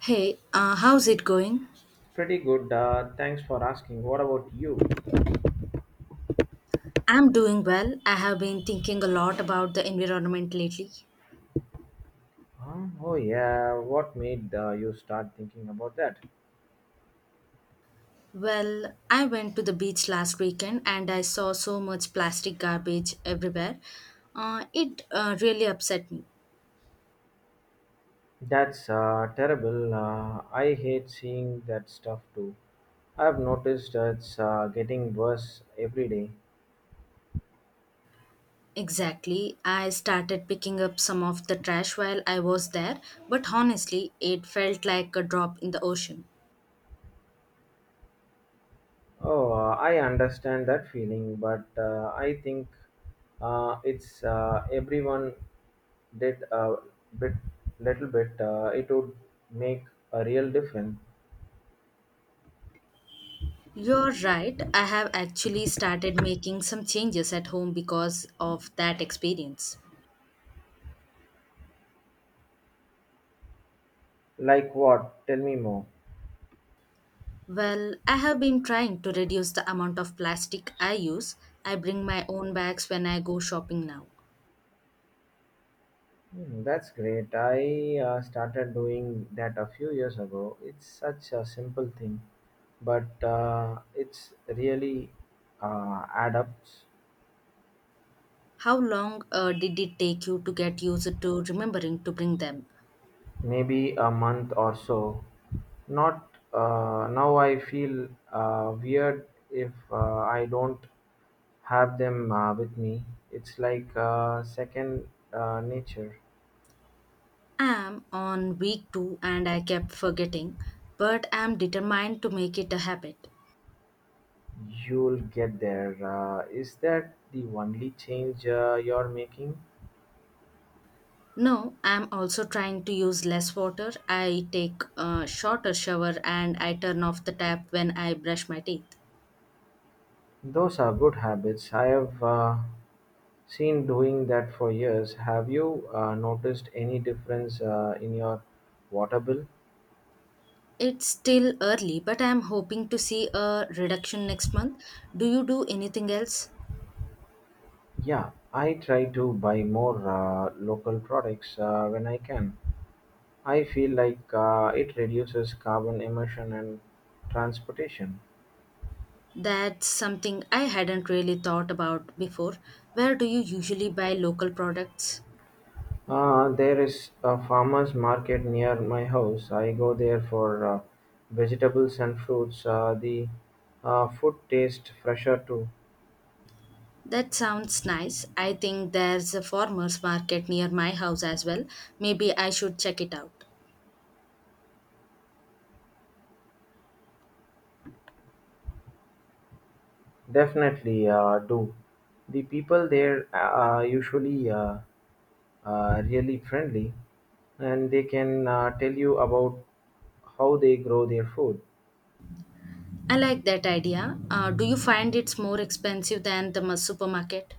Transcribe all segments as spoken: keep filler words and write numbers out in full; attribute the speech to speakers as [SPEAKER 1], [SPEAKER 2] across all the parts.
[SPEAKER 1] Hey, uh, how's it going?
[SPEAKER 2] Pretty good. Uh, thanks for asking. What about you?
[SPEAKER 1] I'm doing well. I have been thinking a lot about the environment lately.
[SPEAKER 2] Huh? Oh yeah. What made uh, you start thinking about that?
[SPEAKER 1] Well, I went to the beach last weekend and I saw so much plastic garbage everywhere. Uh, it uh, really upset me.
[SPEAKER 2] That's uh, terrible. Uh, I hate seeing that stuff too. I've noticed it's uh, getting worse every day.
[SPEAKER 1] Exactly. I started picking up some of the trash while I was there, but honestly, it felt like a drop in the ocean.
[SPEAKER 2] Oh, uh, I understand that feeling, but uh, I think uh, it's uh, everyone did a bit, little bit. Uh, it would make a real difference.
[SPEAKER 1] You're right. I have actually started making some changes at home because of that experience.
[SPEAKER 2] Like what? Tell me more.
[SPEAKER 1] Well, I have been trying to reduce the amount of plastic I use. I bring my own bags when I go shopping now.
[SPEAKER 2] Hmm, that's great. I uh, started doing that a few years ago. It's such a simple thing, but uh, it's really uh, add up.
[SPEAKER 1] How long uh, did it take you to get used to remembering to bring them?
[SPEAKER 2] Maybe a month or so. Not uh, now. I feel uh, weird if uh, I don't have them uh, with me. It's like uh, second uh, nature.
[SPEAKER 1] I am on week two and I kept forgetting, but I am determined to make it a habit.
[SPEAKER 2] You'll get there. Uh, is that the only change uh, you're making?
[SPEAKER 1] No, I am also trying to use less water. I take a shorter shower and I turn off the tap when I brush my teeth.
[SPEAKER 2] Those are good habits. I have uh, seen doing that for years. Have you uh, noticed any difference uh, in your water bill?
[SPEAKER 1] It's still early, but I'm hoping to see a reduction next month. Do you do anything else?
[SPEAKER 2] Yeah, I try to buy more uh, local products uh, when I can. I feel like uh, it reduces carbon emission and transportation.
[SPEAKER 1] That's something I hadn't really thought about before. Where do you usually buy local products?
[SPEAKER 2] Uh, there is a farmer's market near my house. I go there for uh, vegetables and fruits. Uh, the uh, food tastes fresher too.
[SPEAKER 1] That sounds nice. I think there's a farmers market near my house as well. Maybe I should check it out.
[SPEAKER 2] Definitely uh, do. The people there uh, are usually uh, uh, really friendly, and they can uh, tell you about how they grow their food.
[SPEAKER 1] I like that idea. Uh, do you find it's more expensive than the mu- supermarket?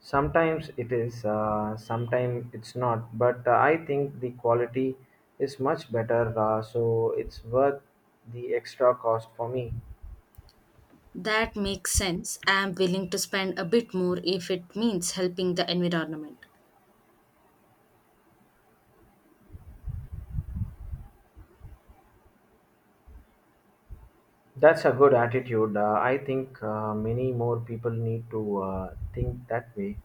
[SPEAKER 2] Sometimes it is, uh, sometimes it's not, but uh, I think the quality is much better, uh, so it's worth the extra cost for me.
[SPEAKER 1] That makes sense. I am willing to spend a bit more if it means helping the environment.
[SPEAKER 2] That's a good attitude. Uh, I think uh, many more people need to uh, think that way.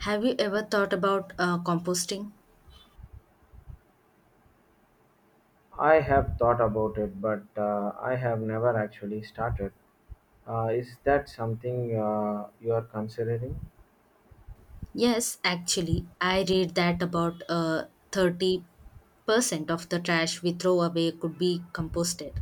[SPEAKER 1] Have you ever thought about uh, composting?
[SPEAKER 2] I have thought about it, but uh, I have never actually started. Uh, is that something uh, you are considering?
[SPEAKER 1] Yes, actually, I read that about uh, thirty percent of the trash we throw away could be composted.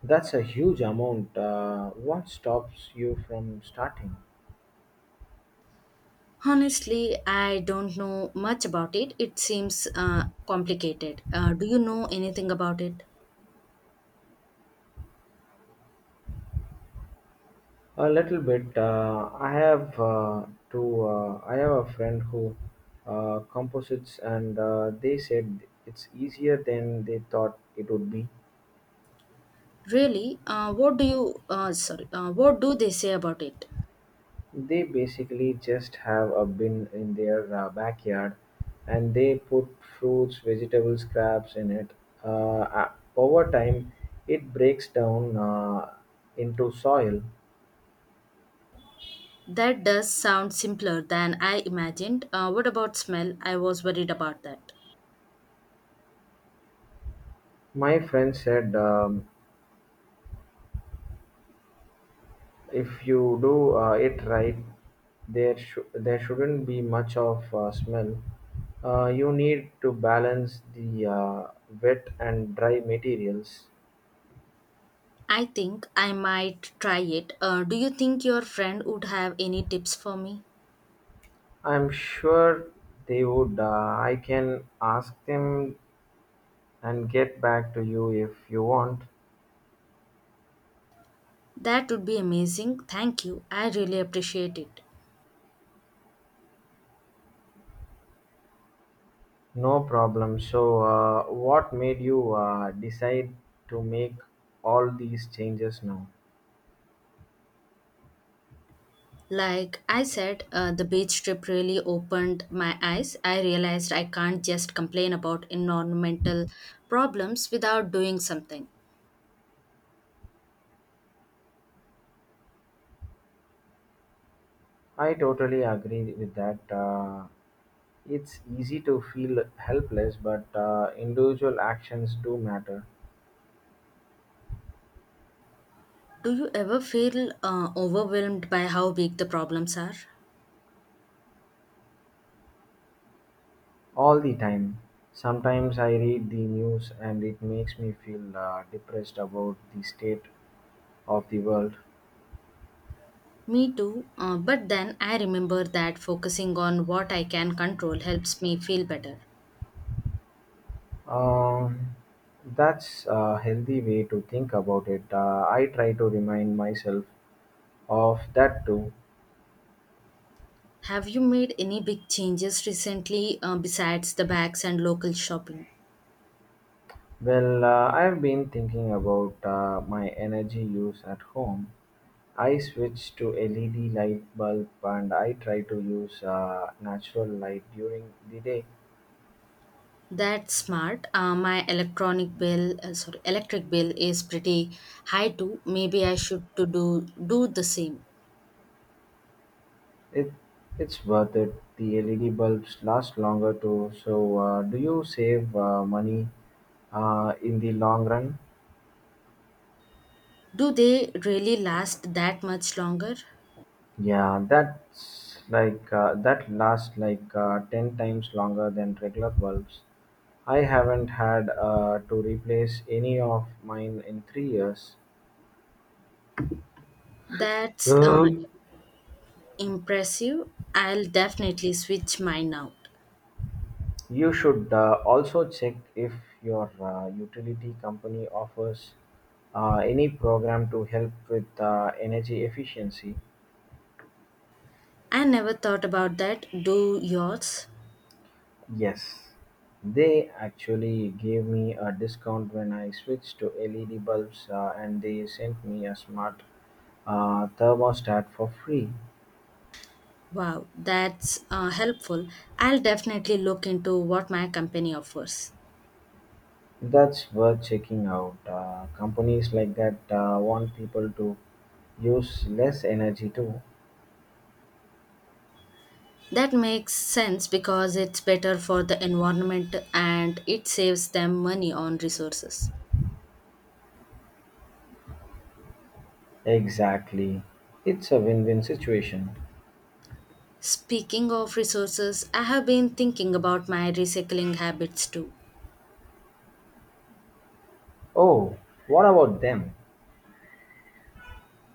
[SPEAKER 2] That's a huge amount. Uh, what stops you from starting?
[SPEAKER 1] Honestly, I don't know much about it. It seems uh, complicated. Uh, do you know anything about it?
[SPEAKER 2] A little bit. Uh, I have uh, to. Uh, I have a friend who uh, composites, and uh, they said it's easier than they thought it would be.
[SPEAKER 1] Really? Uh, what do you, uh, sorry, uh, what do they say about it?
[SPEAKER 2] They basically just have a bin in their uh, backyard, and they put fruits, vegetables, crabs in it. Uh, uh, over time, it breaks down uh, into soil.
[SPEAKER 1] That does sound simpler than I imagined. Uh, what about smell? I was worried about that.
[SPEAKER 2] My friend said um, if you do uh, it right, there, shou- there shouldn't be much of uh, smell. Uh, you need to balance the uh, wet and dry materials.
[SPEAKER 1] I think I might try it. Uh, do you think your friend would have any tips for me?
[SPEAKER 2] I'm sure they would. Uh, I can ask them and get back to you if you want.
[SPEAKER 1] That would be amazing. Thank you. I really appreciate it.
[SPEAKER 2] No problem. So, uh, what made you uh, decide to make all these changes now?
[SPEAKER 1] Like I said, uh, the beach trip really opened my eyes. I realized I can't just complain about environmental problems without doing something.
[SPEAKER 2] I totally agree with that. Uh, it's easy to feel helpless, but uh, individual actions do matter
[SPEAKER 1] Do you ever feel uh, overwhelmed by how big the problems are?
[SPEAKER 2] all the time. Sometimes I read the news and it makes me feel uh, depressed about the state of the world.
[SPEAKER 1] Me too, uh, but then I remember that focusing on what I can control helps me feel better.
[SPEAKER 2] Um, that's a healthy way to think about it. Uh, I try to remind myself of that too.
[SPEAKER 1] Have you made any big changes recently uh, besides the bags and local shopping?
[SPEAKER 2] Well, uh, I've been thinking about uh, my energy use at home. I switched to L E D light bulb, and I try to use uh, natural light during the day.
[SPEAKER 1] That's smart. Uh, my electronic bill, uh, sorry, electric bill is pretty high too. Maybe I should to do do the same.
[SPEAKER 2] It it's worth it. The L E D bulbs last longer too. So, uh, do you save uh, money uh, in the long run?
[SPEAKER 1] Do they really last that much longer?
[SPEAKER 2] Yeah, that's like uh, that lasts like uh, ten times longer than regular bulbs. I haven't had uh, to replace any of mine in three years.
[SPEAKER 1] That's uh,
[SPEAKER 2] Um,
[SPEAKER 1] impressive. I'll definitely switch mine out.
[SPEAKER 2] You should uh, also check if your uh, utility company offers uh, any program to help with uh, energy efficiency.
[SPEAKER 1] I never thought about that. Do yours?
[SPEAKER 2] Yes, they actually gave me a discount when I switched to L E D bulbs uh, and they sent me a smart uh, thermostat for free.
[SPEAKER 1] Wow, that's uh, helpful. I'll definitely look into what my company offers.
[SPEAKER 2] That's worth checking out. Uh, companies like that uh, want people to use less energy too.
[SPEAKER 1] That makes sense because it's better for the environment and it saves them money on resources.
[SPEAKER 2] Exactly. It's a win win situation.
[SPEAKER 1] Speaking of resources, I have been thinking about my recycling habits too.
[SPEAKER 2] Oh, what about them?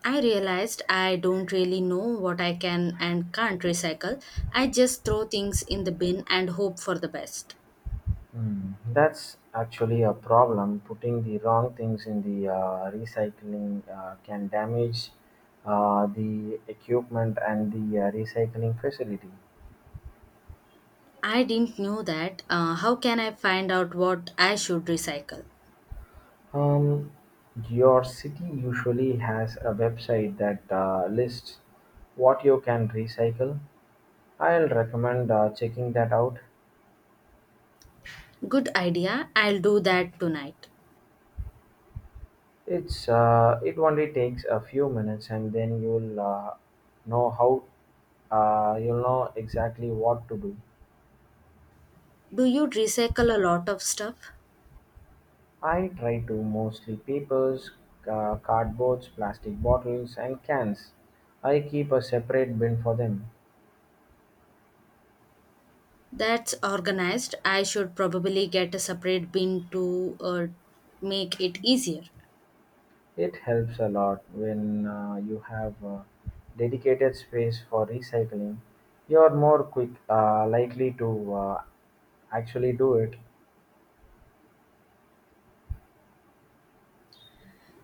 [SPEAKER 1] I realized I don't really know what I can and can't recycle. I just throw things in the bin and hope for the best.
[SPEAKER 2] Hmm, that's actually a problem. Putting the wrong things in the uh, recycling uh, can damage uh, the equipment and the uh, recycling facility.
[SPEAKER 1] I didn't know that. Uh, how can I find out what I should recycle?
[SPEAKER 2] Um, your city usually has a website that uh, lists what you can recycle. I'll recommend uh, checking that out.
[SPEAKER 1] Good idea. I'll do that tonight.
[SPEAKER 2] It's uh, it only takes a few minutes, and then you'll uh, know how uh, you'll know exactly what to do.
[SPEAKER 1] Do you recycle a lot of stuff?
[SPEAKER 2] I try to mostly papers, uh, cardboards, plastic bottles, and cans. I keep a separate bin for them.
[SPEAKER 1] That's organized. I should probably get a separate bin to uh, make it easier.
[SPEAKER 2] It helps a lot when uh, you have uh, dedicated space for recycling. You are more quick, uh, likely to uh, actually do it.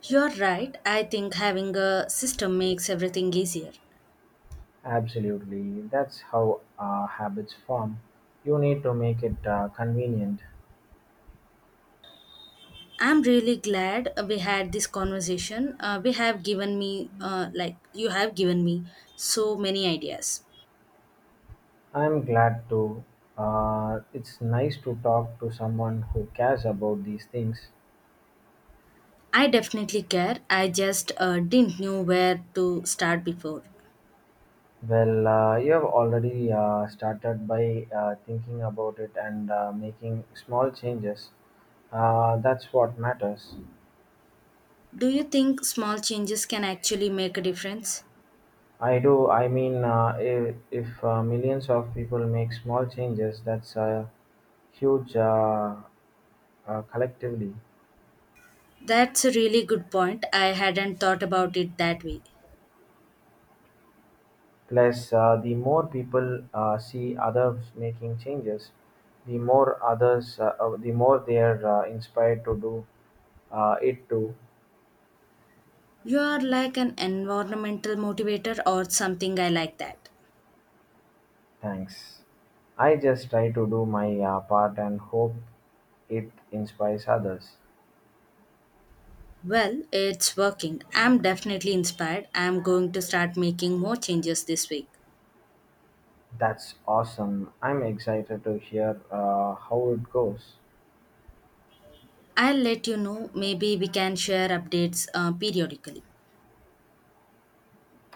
[SPEAKER 1] You're right. I think having a system makes everything easier.
[SPEAKER 2] Absolutely, that's how uh, habits form. You need to make it uh, convenient.
[SPEAKER 1] I'm really glad we had this conversation. Uh, we have given me, uh, like, You have given me so many ideas.
[SPEAKER 2] I'm glad to. Uh, it's nice to talk to someone who cares about these things.
[SPEAKER 1] I definitely care. I just uh, didn't know where to start before.
[SPEAKER 2] Well, uh, you have already uh, started by uh, thinking about it and uh, making small changes. Uh, that's what matters.
[SPEAKER 1] Do you think small changes can actually make a difference?
[SPEAKER 2] I do. I mean, uh, if, if uh, millions of people make small changes, that's uh, huge uh, uh, collectively.
[SPEAKER 1] That's a really good point. I hadn't thought about it that way.
[SPEAKER 2] Plus, uh, the more people uh, see others making changes, the more others, uh, uh, the more they are uh, inspired to do uh, it too.
[SPEAKER 1] You are like an environmental motivator or something. I like that.
[SPEAKER 2] Thanks. I just try to do my uh, part and hope it inspires others.
[SPEAKER 1] Well, it's working. I'm definitely inspired. I'm going to start making more changes this week.
[SPEAKER 2] That's awesome. I'm excited to hear uh, how it goes.
[SPEAKER 1] I'll let you know. Maybe we can share updates uh, periodically.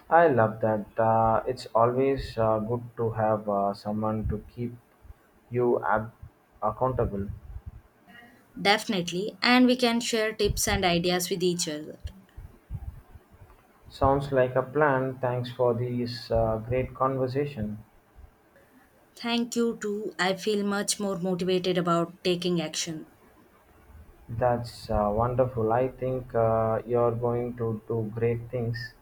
[SPEAKER 2] I love that. Uh, it's always uh, good to have uh, someone to keep you ab- accountable.
[SPEAKER 1] Definitely. And we can share tips and ideas with each other.
[SPEAKER 2] Sounds like a plan. Thanks for this uh, great conversation.
[SPEAKER 1] Thank you too. I feel much more motivated about taking action.
[SPEAKER 2] That's uh, wonderful. I think uh, you're going to do great things.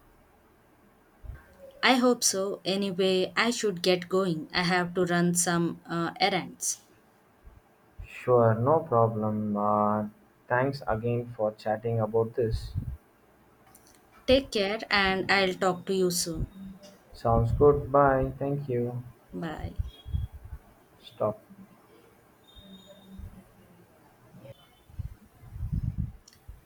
[SPEAKER 1] I hope so. Anyway, I should get going. I have to run some uh, errands.
[SPEAKER 2] Sure, no problem. Uh, thanks again for chatting about this.
[SPEAKER 1] Take care, and I'll talk to you soon.
[SPEAKER 2] Sounds good. Bye. Thank you.
[SPEAKER 1] Bye.
[SPEAKER 2] Stop.